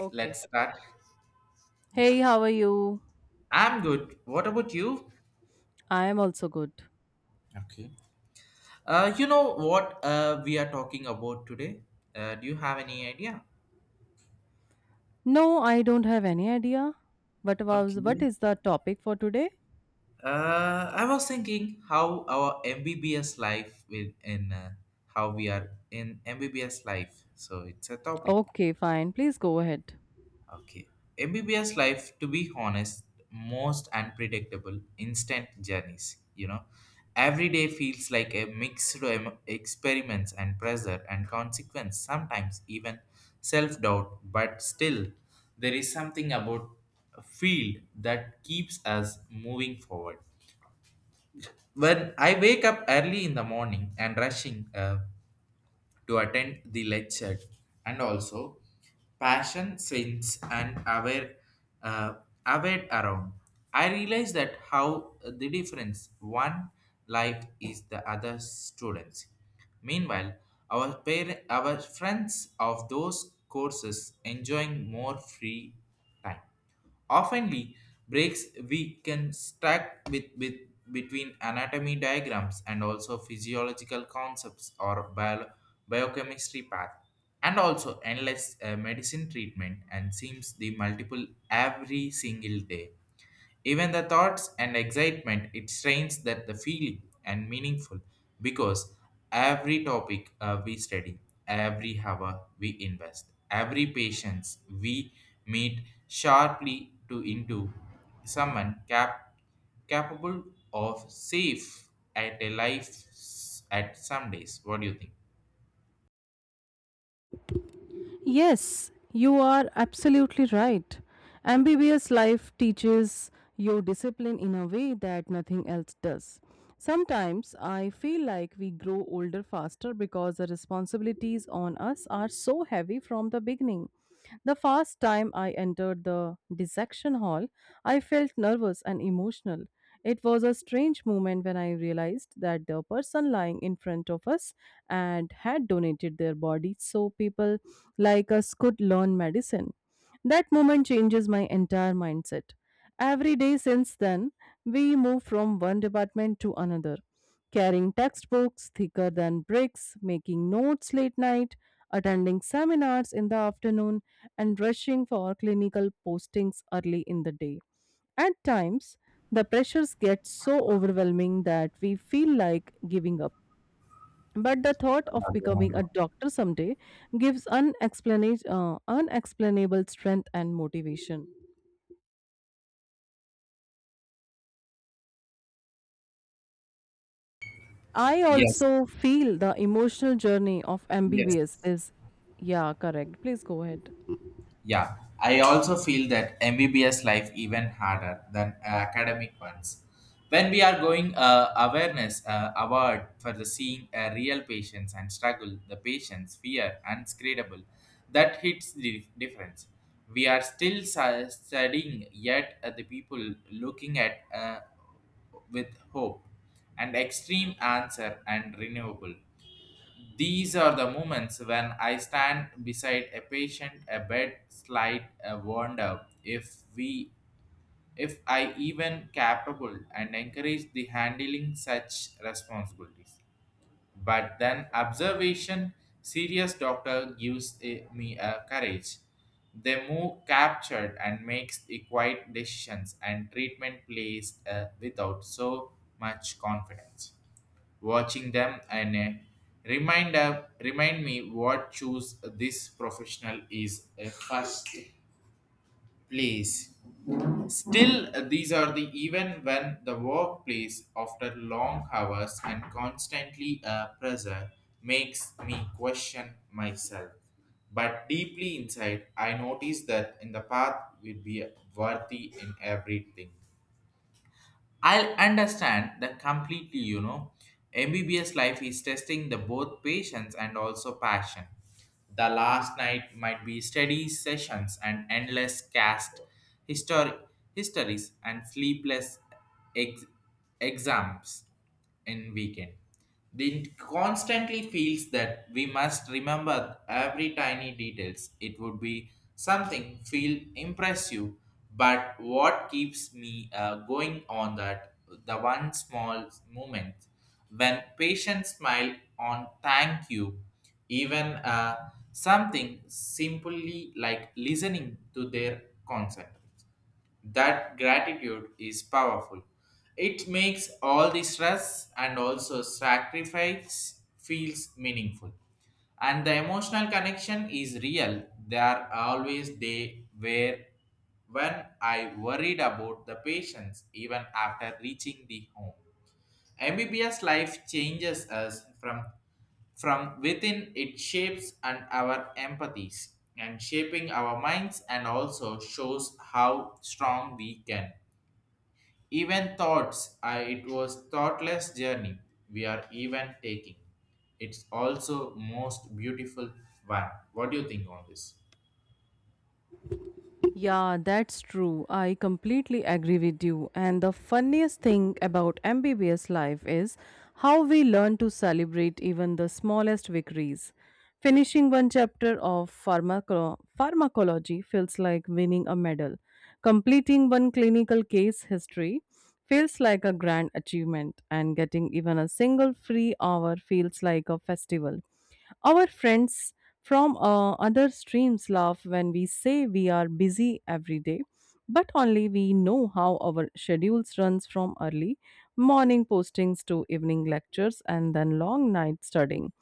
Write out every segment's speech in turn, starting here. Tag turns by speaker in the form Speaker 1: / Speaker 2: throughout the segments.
Speaker 1: Okay.
Speaker 2: Let's start. Yeah,
Speaker 1: Hey, how are you?
Speaker 2: I'm good. What about you?
Speaker 1: I am also good.
Speaker 2: Okay. You know what we are talking about today? Do you have any idea?
Speaker 1: No, I don't have any idea. What was what
Speaker 2: Okay.
Speaker 1: is the topic for today?
Speaker 2: I was thinking how our MBBS life will in how we are in MBBS life. So it's a topic.
Speaker 1: Okay, fine. Please go ahead.
Speaker 2: Okay. MBBS life, to be honest, most unpredictable, instant journeys. You know, every day feels like a mixed experiments and pressure and consequence, sometimes even self doubt. But still, there is something about a field that keeps us moving forward. When I wake up early in the morning and rushing, to attend the lecture and also passion sense and aware uh, aware around I realized that how the difference one life is the other students meanwhile our friends of those courses enjoying more free time. Oftenly, breaks we can stack with between anatomy diagrams and also physiological concepts or biochemistry path and also endless medicine treatment and seems the multiple every single day, even the thoughts and excitement, it strains that the feeling and meaningful, because every topic we study, every hour we invest, every patience we meet sharply to into someone cap- capable of safe at a at some days. What do you think?
Speaker 1: Yes, you are absolutely right. MBBS life teaches you discipline in a way that nothing else does. Sometimes I feel like we grow older faster because the responsibilities on us are so heavy from the beginning. The first time I entered the dissection hall, I felt nervous and emotional, it was a strange moment when I realized that the person lying in front of us and had donated their body so people like us could learn medicine. That moment changes my entire mindset. Every day since then, we move from one department to another, carrying textbooks thicker than bricks, making notes late night, attending seminars in the afternoon, and rushing for clinical postings early in the day. At times, the pressures get so overwhelming that we feel like giving up. But the thought of becoming a doctor someday gives unexplainable strength and motivation. I
Speaker 2: Yes,
Speaker 1: also feel the emotional journey of
Speaker 2: yes.
Speaker 1: MBBS is, yeah, correct. Please go ahead.
Speaker 2: Yeah, I also feel that MBBS life even harder than academic ones. When we are going awareness award for the seeing a real patients and struggle, the patients fear unscreenable, that hits the difference. We are still studying, yet the people looking at with hope and extreme answer and renewable. These are the moments when I stand beside a patient, a bed slight a wonder if I even capable and encourage the handling such responsibilities. But then observation serious doctor gives me a courage. They move captured and makes the quiet decisions and treatment plays without so much confidence watching them and remind me what choose this professional is first place. Still, these are the even when the workplace after long hours and constantly pressure makes me question myself. But deeply inside, I notice that in the path will be worthy in everything. I will understand that completely, you know. MBBS life is testing the both patience and also passion. The last night might be study sessions and endless cast histori- histories and sleepless ex- exams in weekend. They constantly feels that we must remember every tiny details. It would be something feel impressive, but what keeps me going on that the one small moment when patients smile on thank you, even something simply like listening to their concept, that gratitude is powerful. It makes all the stress and also sacrifice feels meaningful. And the emotional connection is real. There are always day where when I worried about the patients even after reaching the home. MBBS life changes us from within, it shapes and our empathies and shaping our minds and also shows how strong we can, even thoughts I. It was thoughtless journey we are even taking, it's also most beautiful one. What do you think on this?
Speaker 1: Yeah, that's true. I completely agree with you. And the funniest thing about MBBS life is how we learn to celebrate even the smallest victories. Finishing one chapter of pharmacology feels like winning a medal. Completing one clinical case history feels like a grand achievement. And getting even a single free hour feels like a festival. Our friends from other streams laugh when we say we are busy every day, but only we know how our schedules runs from early morning postings to evening lectures and then long night studying.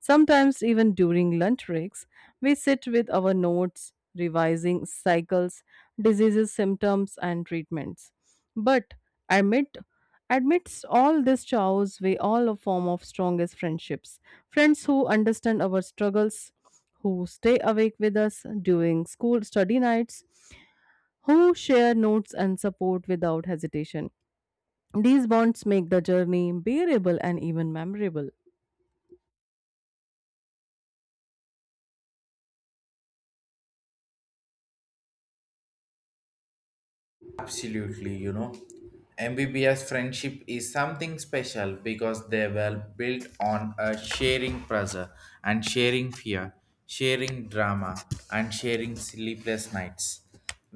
Speaker 1: Sometimes even during lunch breaks, we sit with our notes, revising cycles, diseases, symptoms, and treatments. But admit amidst all this chaos, we all a form of strongest friendships. Friends who understand our struggles, who stay awake with us during school study nights, who share notes and support without hesitation. These bonds make the journey bearable and even memorable.
Speaker 2: Absolutely, you know. MBBS friendship is something special because they were built on a sharing pressure and sharing fear, sharing drama, and sharing sleepless nights.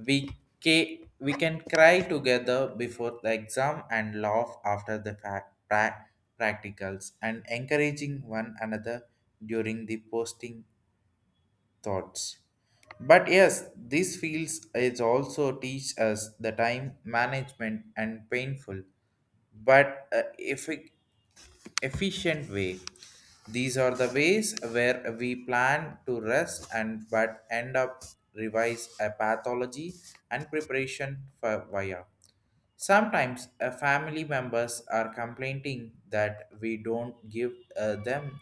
Speaker 2: We, we can cry together before the exam and laugh after the practicals and encouraging one another during the posting thoughts. But yes, these fields is also teach us the time management and painful, but efficient way. These are the ways where we plan to rest and but end up revise a pathology and preparation for via. Sometimes family members are complaining that we don't give them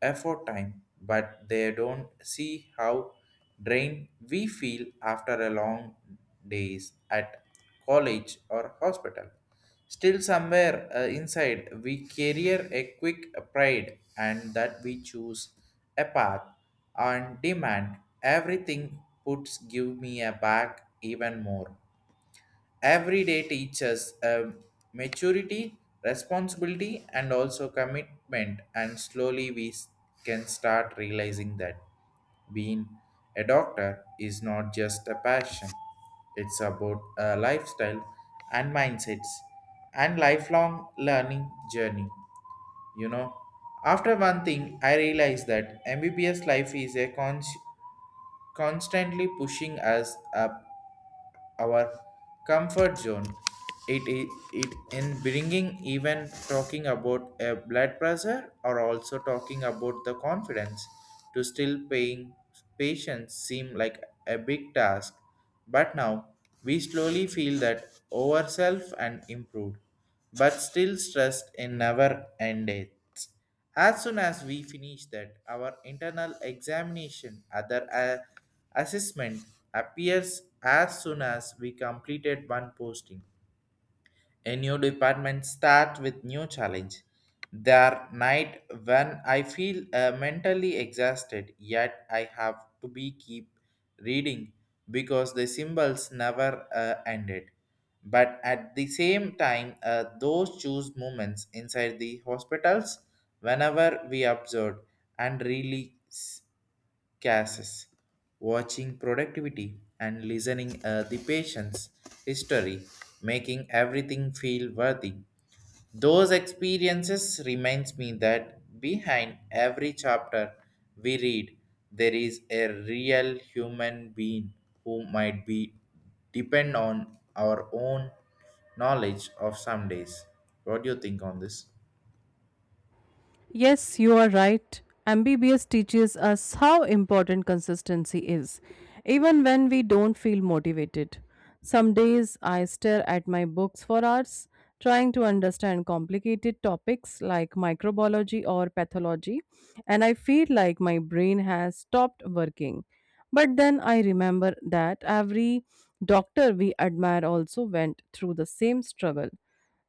Speaker 2: effort time, but they don't see how drained we feel after a long days at college or hospital. Still, somewhere inside, we carry a quick pride and that we choose a path on demand. Everything puts give me a back even more, every day teaches maturity responsibility and also commitment, and slowly can start realizing that being a doctor is not just a passion, it's about a lifestyle and mindsets and lifelong learning journey, you know. After one thing I realized that MBBS life is a constantly pushing us up our comfort zone. It in bringing even talking about a blood pressure or also talking about the confidence to still paying patients seem like a big task. But now we slowly feel that ourself and improved, but still stressed in never ended. As soon as we finish that, our internal examination, other assessment appears as soon as we completed one posting. A new department start with new challenge. There night when I feel mentally exhausted, yet I have to be keep reading because the symbols never ended. But at the same time, those choose moments inside the hospitals whenever we observed and really cases, watching productivity and listening the patient's history, making everything feel worthy. Those experiences reminds me that behind every chapter we read, there is a real human being who might be depend on our own knowledge of some days. What do you think on this?
Speaker 1: Yes, you are right. MBBS teaches us how important consistency is, even when we don't feel motivated. Some days I stare at my books for hours, trying to understand complicated topics like microbiology or pathology, and I feel like my brain has stopped working. But then I remember that every doctor we admire also went through the same struggle.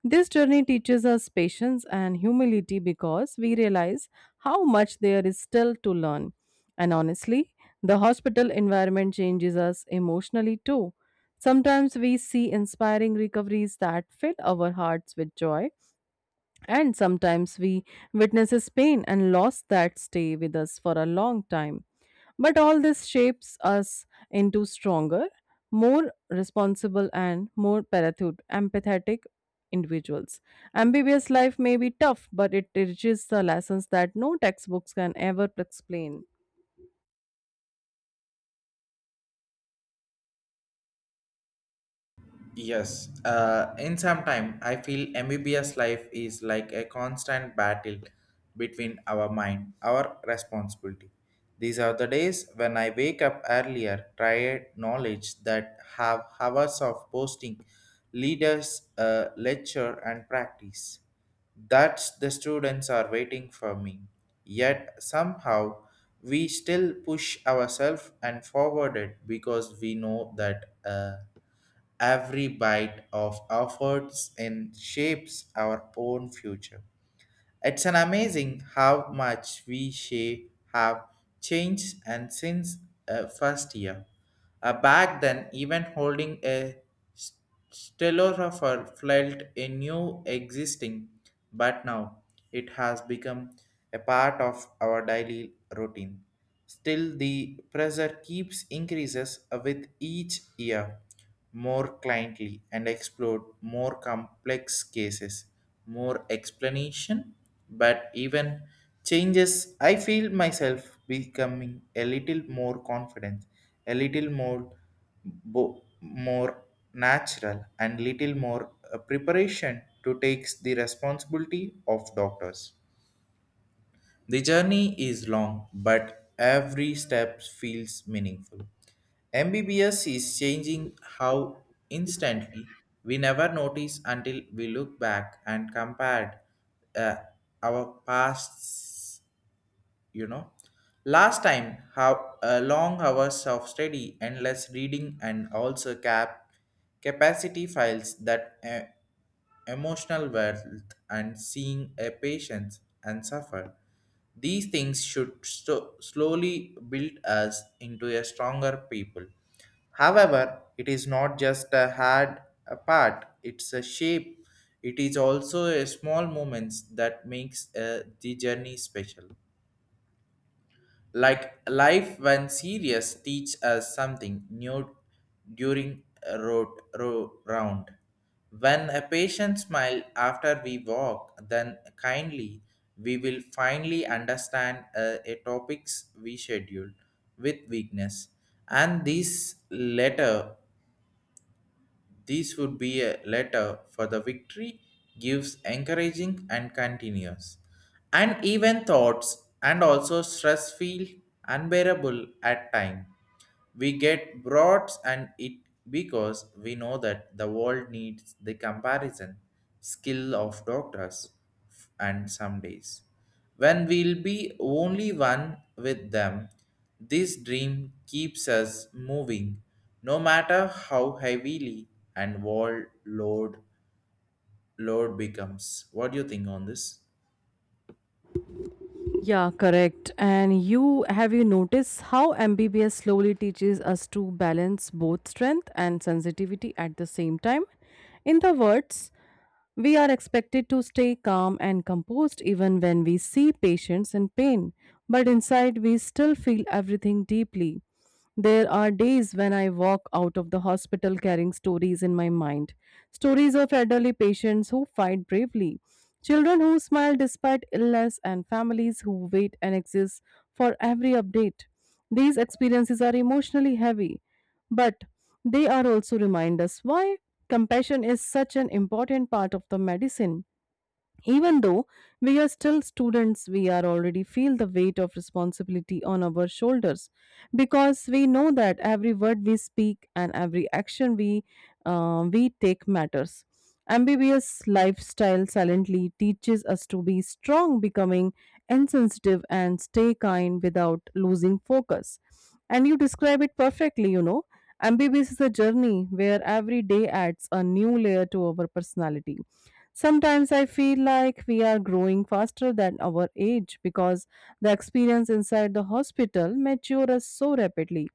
Speaker 1: This journey teaches us patience and humility because we realize how much there is still to learn. And honestly, the hospital environment changes us emotionally too. Sometimes we see inspiring recoveries that fill our hearts with joy, and sometimes we witnesses pain and loss that stay with us for a long time. But all this shapes us into stronger, more responsible, and more parachute, empathetic individuals. Ambiguous life may be tough, but it teaches the lessons that no textbooks can ever explain.
Speaker 2: Yes, in some time, I feel MBBS life is like a constant battle between our mind, our responsibility. These are the days when I wake up earlier, tired knowledge that have hours of posting, leaders, lecture, and practice. That the students are waiting for me. Yet somehow we still push ourselves and forward it because we know that. Every bite of efforts and shapes our own future. It's an amazing how much we shape have changed and since first year. Back then, even holding a s- stenographer felt a new existing, but now it has become a part of our daily routine. Still, the pressure keeps increases with each year, more cliently and explore more complex cases, more explanation, but even changes, I feel myself becoming a little more confident, a little more, more natural, and little more preparation to take the responsibility of doctors. The journey is long, but every step feels meaningful. MBBS is changing how instantly we never notice until we look back and compare uh, our past, you know. Last time how long hours of study endless reading and also capacity files that emotional wealth and seeing a patient and suffer, these things should slowly build us into a stronger people. However, it is not just a hard a part, it's a shape. It is also a small moments that makes the journey special. Like life when serious teach us something new during a road round. When a patient smile after we walk, then kindly we will finally understand a topics we schedule with weakness. And this letter, this would be a letter for the victory gives encouraging and continuous. And even thoughts and also stress feel unbearable at time. We get broads and it, because we know that the world needs the comparison skill of doctors, and some days when we'll be only one with them, this dream keeps us moving no matter how heavily and world load becomes. What do you think on this?
Speaker 1: Yeah, correct. And you noticed how MBBS slowly teaches us to balance both strength and sensitivity at the same time? In the words, we are expected to stay calm and composed even when we see patients in pain, but inside we still feel everything deeply. There are days when I walk out of the hospital carrying stories in my mind, stories of elderly patients who fight bravely, children who smile despite illness, and families who wait and exist for every update. These experiences are emotionally heavy, but they are also reminders why compassion is such an important part of the medicine. Even though we are still students, we are already feel the weight of responsibility on our shoulders because we know that every word we speak and every action we take matters. MBBS lifestyle silently teaches us to be strong, becoming insensitive, and stay kind without losing focus. And you describe it perfectly, you know. MBBS is a journey where every day adds a new layer to our personality. Sometimes I feel like we are growing faster than our age because the experience inside the hospital matures us so rapidly.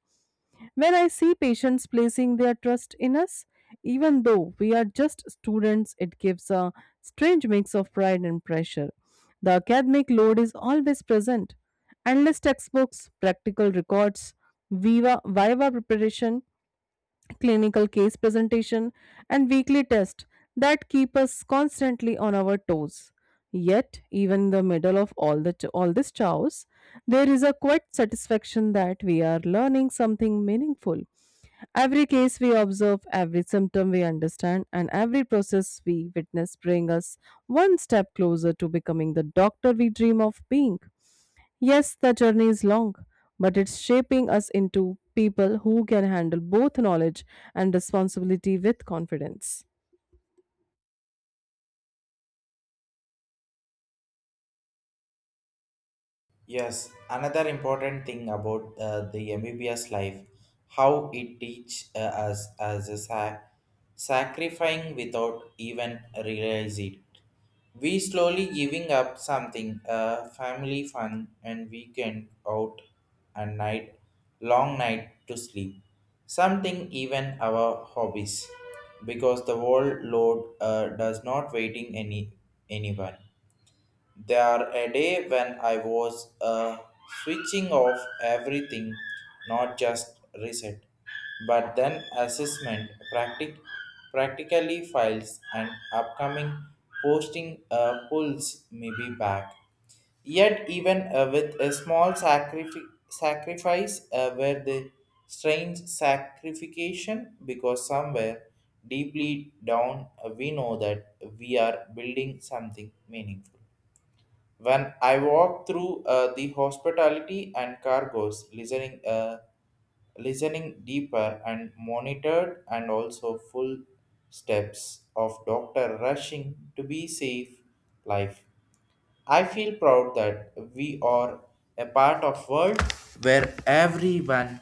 Speaker 1: When I see patients placing their trust in us, even though we are just students, it gives a strange mix of pride and pressure. The academic load is always present. Endless textbooks, practical records, viva preparation, clinical case presentation, and weekly tests that keep us constantly on our toes. Yet, even in the middle of all this chaos, there is a quiet satisfaction that we are learning something meaningful. Every case we observe, every symptom we understand, and every process we witness bring us one step closer to becoming the doctor we dream of being. Yes, the journey is long, but it's shaping us into people who can handle both knowledge and responsibility with confidence.
Speaker 2: Yes, another important thing about the MBBS life, how it teach us as a sacrificing without even realize it. We slowly giving up something, family fun and weekend out and night, long night to sleep. Something even our hobbies, because the world load does not waiting anyone. There a day when I was switching off everything, not just reset, but then assessment, practically files, and upcoming posting pulls may be back. Yet, even with a small sacrifice, where the strange sacrification, because somewhere deeply down, we know that we are building something meaningful. When I walk through the hospitality and cargoes, listening, listening deeper and monitored, and also full steps of doctor rushing to be safe life. I feel proud that we are a part of world where everyone,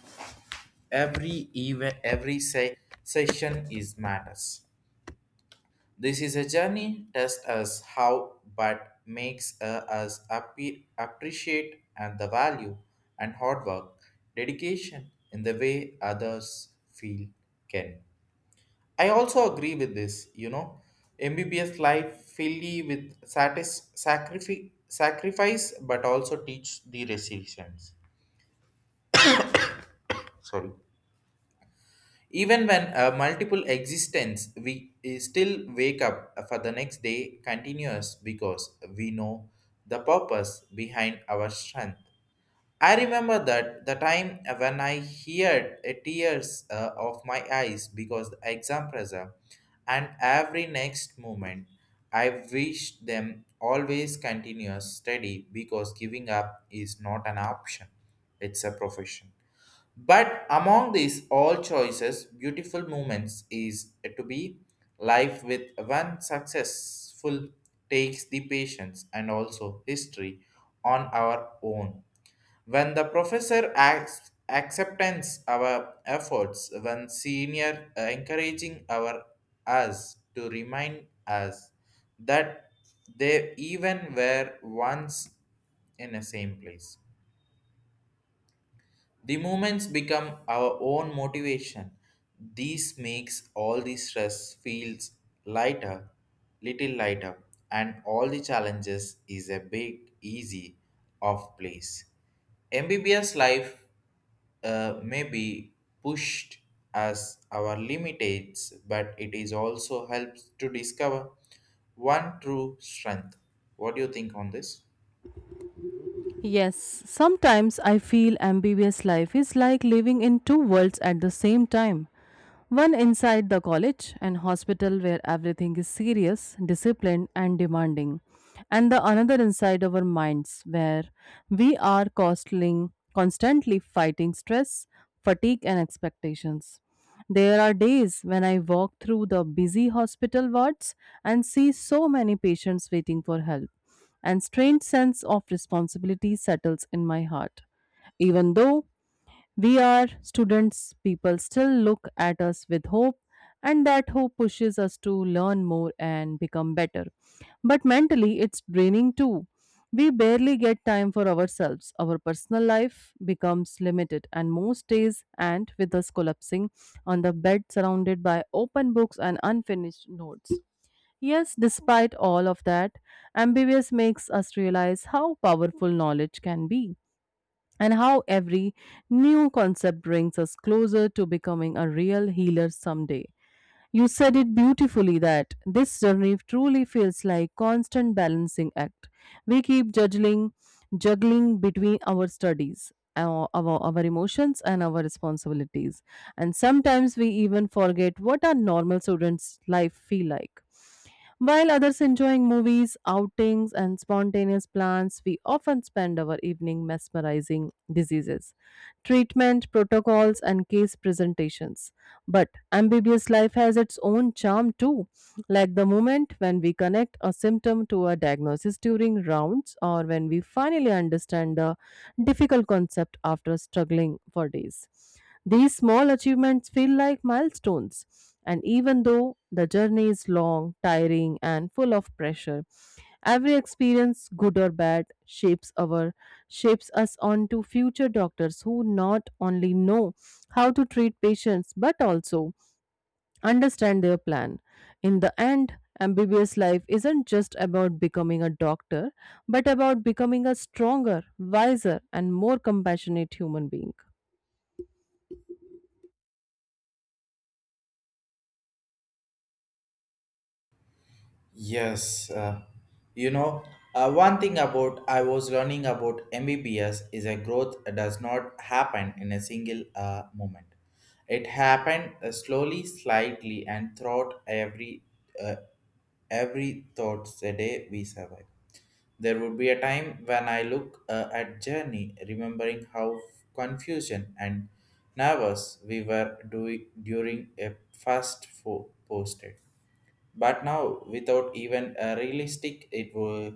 Speaker 2: every even, every session is matters. This is a journey test us how but makes us appreciate and the value and hard work, dedication in the way others feel can. I also agree with this, you know. MBBS life fully with sacrifice but also teach the resilience. Sorry. Even when multiple existence, we still wake up for the next day continuous because we know the purpose behind our strength. I remember that the time when I heard a tears of my eyes because the exam pressure, and every next moment I wish them always continuous study because giving up is not an option; it's a profession. But among these all choices, beautiful moments is to be life with one successful takes the patience and also history on our own. When the professor acts acceptance our efforts, when senior encouraging our us to remind us that they even were once in the same place the movements become our own motivation. This makes all the stress feels lighter, little lighter, and all the challenges is a big easy off place. MBBS life may be pushed as our limitates, but it is also helps to discover one true strength. What do you think on this?
Speaker 1: Yes, sometimes I feel ambiguous life is like living in two worlds at the same time. One inside the college and hospital where everything is serious, disciplined, and demanding, and the another inside our minds where we are constantly fighting stress, fatigue, and expectations. There are days when I walk through the busy hospital wards and see so many patients waiting for help, and strange sense of responsibility settles in my heart. Even though we are students, people still look at us with hope, and that hope pushes us to learn more and become better. But mentally, it's draining too. We barely get time for ourselves. Our personal life becomes limited, and most days end with us collapsing on the bed surrounded by open books and unfinished notes. Yes, despite all of that, ambiguous makes us realize how powerful knowledge can be and how every new concept brings us closer to becoming a real healer someday. You said it beautifully that this journey truly feels like constant balancing act. We keep juggling between our studies, our emotions, and our responsibilities, and sometimes we even forget what our normal students' life feel like. While others enjoying movies, outings, and spontaneous plans, we often spend our evening mesmerizing diseases, treatment protocols, and case presentations. But ambiguous life has its own charm too, like the moment when we connect a symptom to a diagnosis during rounds, or when we finally understand a difficult concept after struggling for days. These small achievements feel like milestones, and even though the journey is long, tiring, and full of pressure, every experience, good or bad, shapes us onto future doctors who not only know how to treat patients but also understand their plan. In the end, ambiguous life isn't just about becoming a doctor, but about becoming a stronger, wiser, and more compassionate human being.
Speaker 2: Yes, you know, one thing about I was learning about MBBS is a growth does not happen in a single moment. It happened slowly, slightly, and throughout uh, every thoughts a day we survive. There would be a time when I look at journey, remembering how confusion and nervous we were doing during a posted but now without even a realistic it will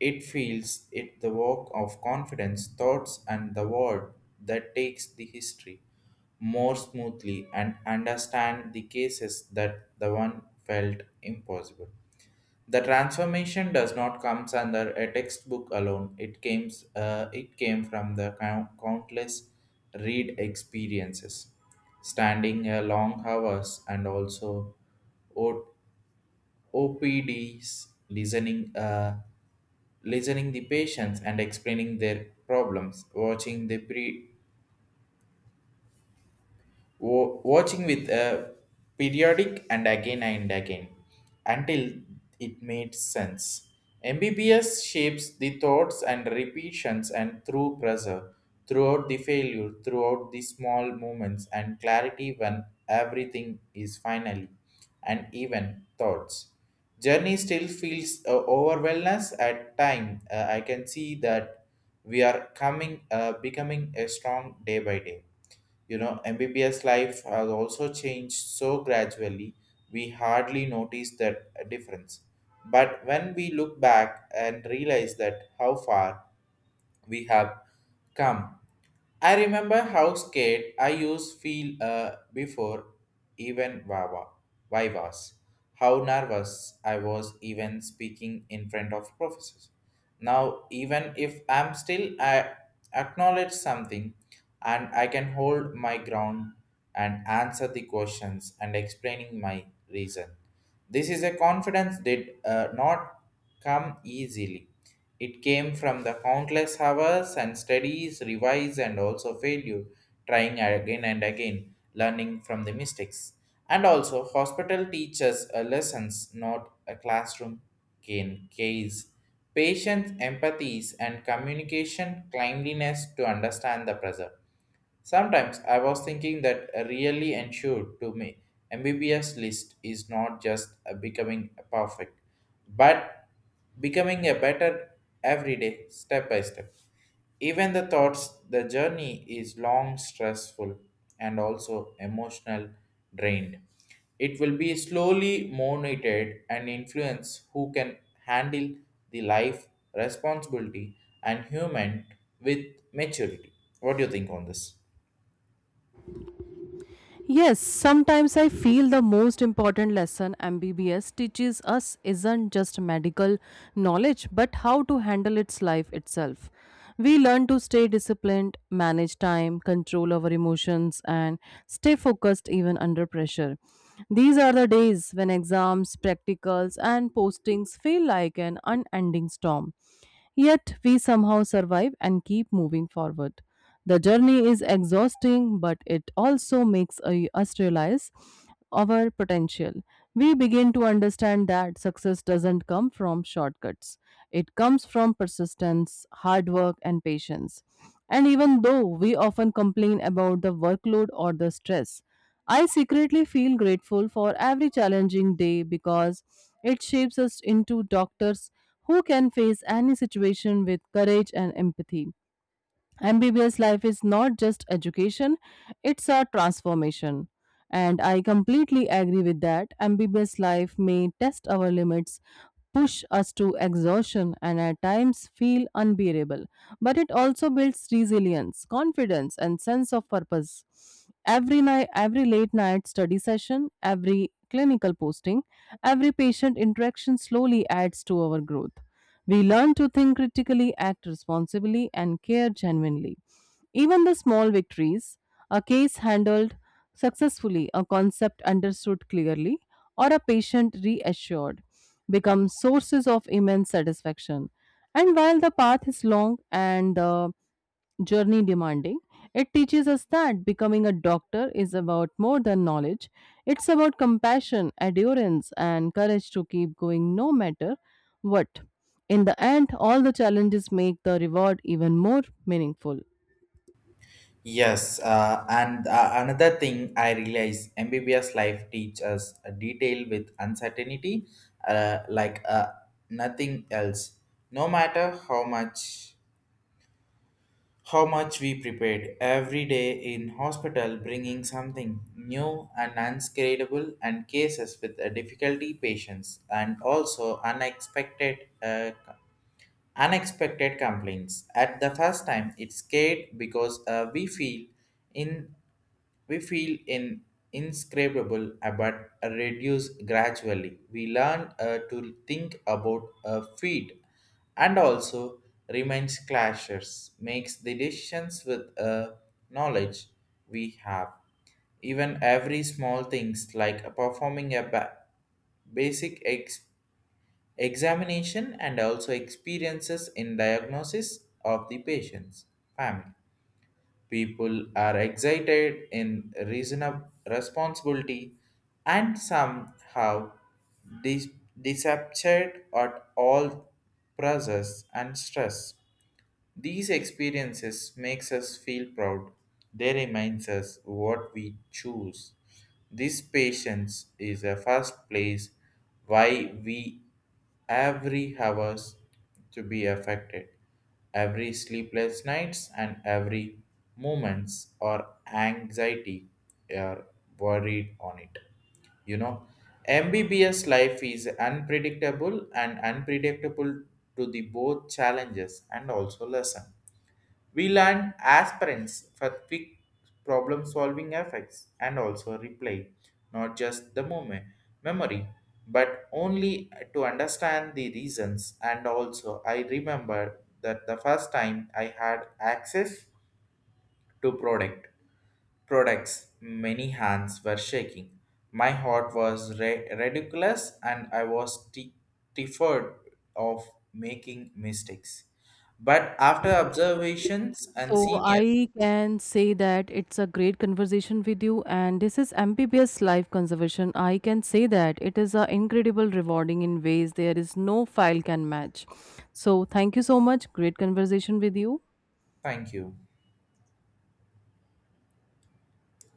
Speaker 2: it feels it the work of confidence thoughts and the word that takes the history more smoothly and understand the cases that the one felt impossible the transformation does not come under a textbook alone it came from the countless read experiences standing long hours and also OPDs listening listening the patients and explaining their problems, watching watching with a periodic and again until it made sense. MBBS shapes the thoughts and repetitions and through pressure, throughout the failure, throughout the small moments and clarity when everything is finally and even thoughts. Journey still feels overwhelmness at time. I can see that becoming a strong day by day, you know, MBBS life has also changed so gradually, we hardly notice that difference. But when we look back and realize that how far we have come. I remember how scared I used feel before even Vivas, how nervous I was even speaking in front of professors. Now, even if I'm still, I acknowledge something and I can hold my ground and answer the questions and explaining my reason. This is a confidence did not come easily. It came from the countless hours and studies, revise and also failure, trying again and again, learning from the mistakes. And also, hospital teaches lessons, not a classroom can case. Patience, empathies, and communication, cleanliness to understand the pressure. Sometimes I was thinking that really ensured to me MBBS list is not just a becoming perfect, but becoming a better every day, step by step. Even the thoughts, the journey is long, stressful, and also emotional drained. It will be slowly monitored and influence who can handle the life responsibility and human with maturity. What do you think on this?
Speaker 1: Yes, sometimes I feel the most important lesson MBBS teaches us isn't just medical knowledge, but how to handle its life itself. We learn to stay disciplined, manage time, control our emotions, and stay focused even under pressure. These are the days when exams, practicals, and postings feel like an unending storm. Yet we somehow survive and keep moving forward. The journey is exhausting, but it also us realize our potential. We begin to understand that success doesn't come from shortcuts, it comes from persistence, hard work, and patience. And even though we often complain about the workload or the stress, I secretly feel grateful for every challenging day because it shapes us into doctors who can face any situation with courage and empathy. MBBS life is not just education, it's a transformation. And I completely agree with that. MBBS life may test our limits, push us to exhaustion, and at times feel unbearable. But it also builds resilience, confidence, and sense of purpose. Every night, every late night study session, every clinical posting, every patient interaction slowly adds to our growth. We learn to think critically, act responsibly, and care genuinely. Even the small victories, a case handled successfully, a concept understood clearly, or a patient reassured, become sources of immense satisfaction. And while the path is long and the journey demanding, it teaches us that becoming a doctor is about more than knowledge. It's about compassion, endurance, and courage to keep going no matter what. In the end, all the challenges make the reward even more meaningful.
Speaker 2: Yes, and another thing I realize MBBS life teaches us a detail with uncertainty, uh, like uh, nothing else. No matter how much we prepared every day in hospital, bringing something new and unscalable, and cases with a difficulty patients and also unexpected unexpected complaints. At the first time, it scared because in we feel in inscrutable but reduce gradually. We learn to think about feet and also remains clashes, makes the decisions with knowledge we have. Even every small things like performing a basic examination and also experiences in diagnosis of the patient's family. People are excited in reasonable responsibility and somehow dis- deceptured at all pressures and stress. These experiences makes us feel proud. They reminds us what we choose. This patience is a first place why we every hours to be affected. Every sleepless nights and every moments or anxiety are worried on it, you know, MBBS life is unpredictable and unpredictable to the both challenges and also lesson we learn aspirants for quick problem solving effects and also replay not just the moment memory but only to understand the reasons and also I remember that the first time I had access to products. Many hands were shaking. My heart was ridiculous and I was terrified of making mistakes. But after observations and
Speaker 1: So,
Speaker 2: seniors,
Speaker 1: I can say that it's a great conversation with you, and this is MPBS Life Conservation. I can say that it is an incredible rewarding in ways there is no file can match. So, thank you so much. Great conversation with you.
Speaker 2: thank you.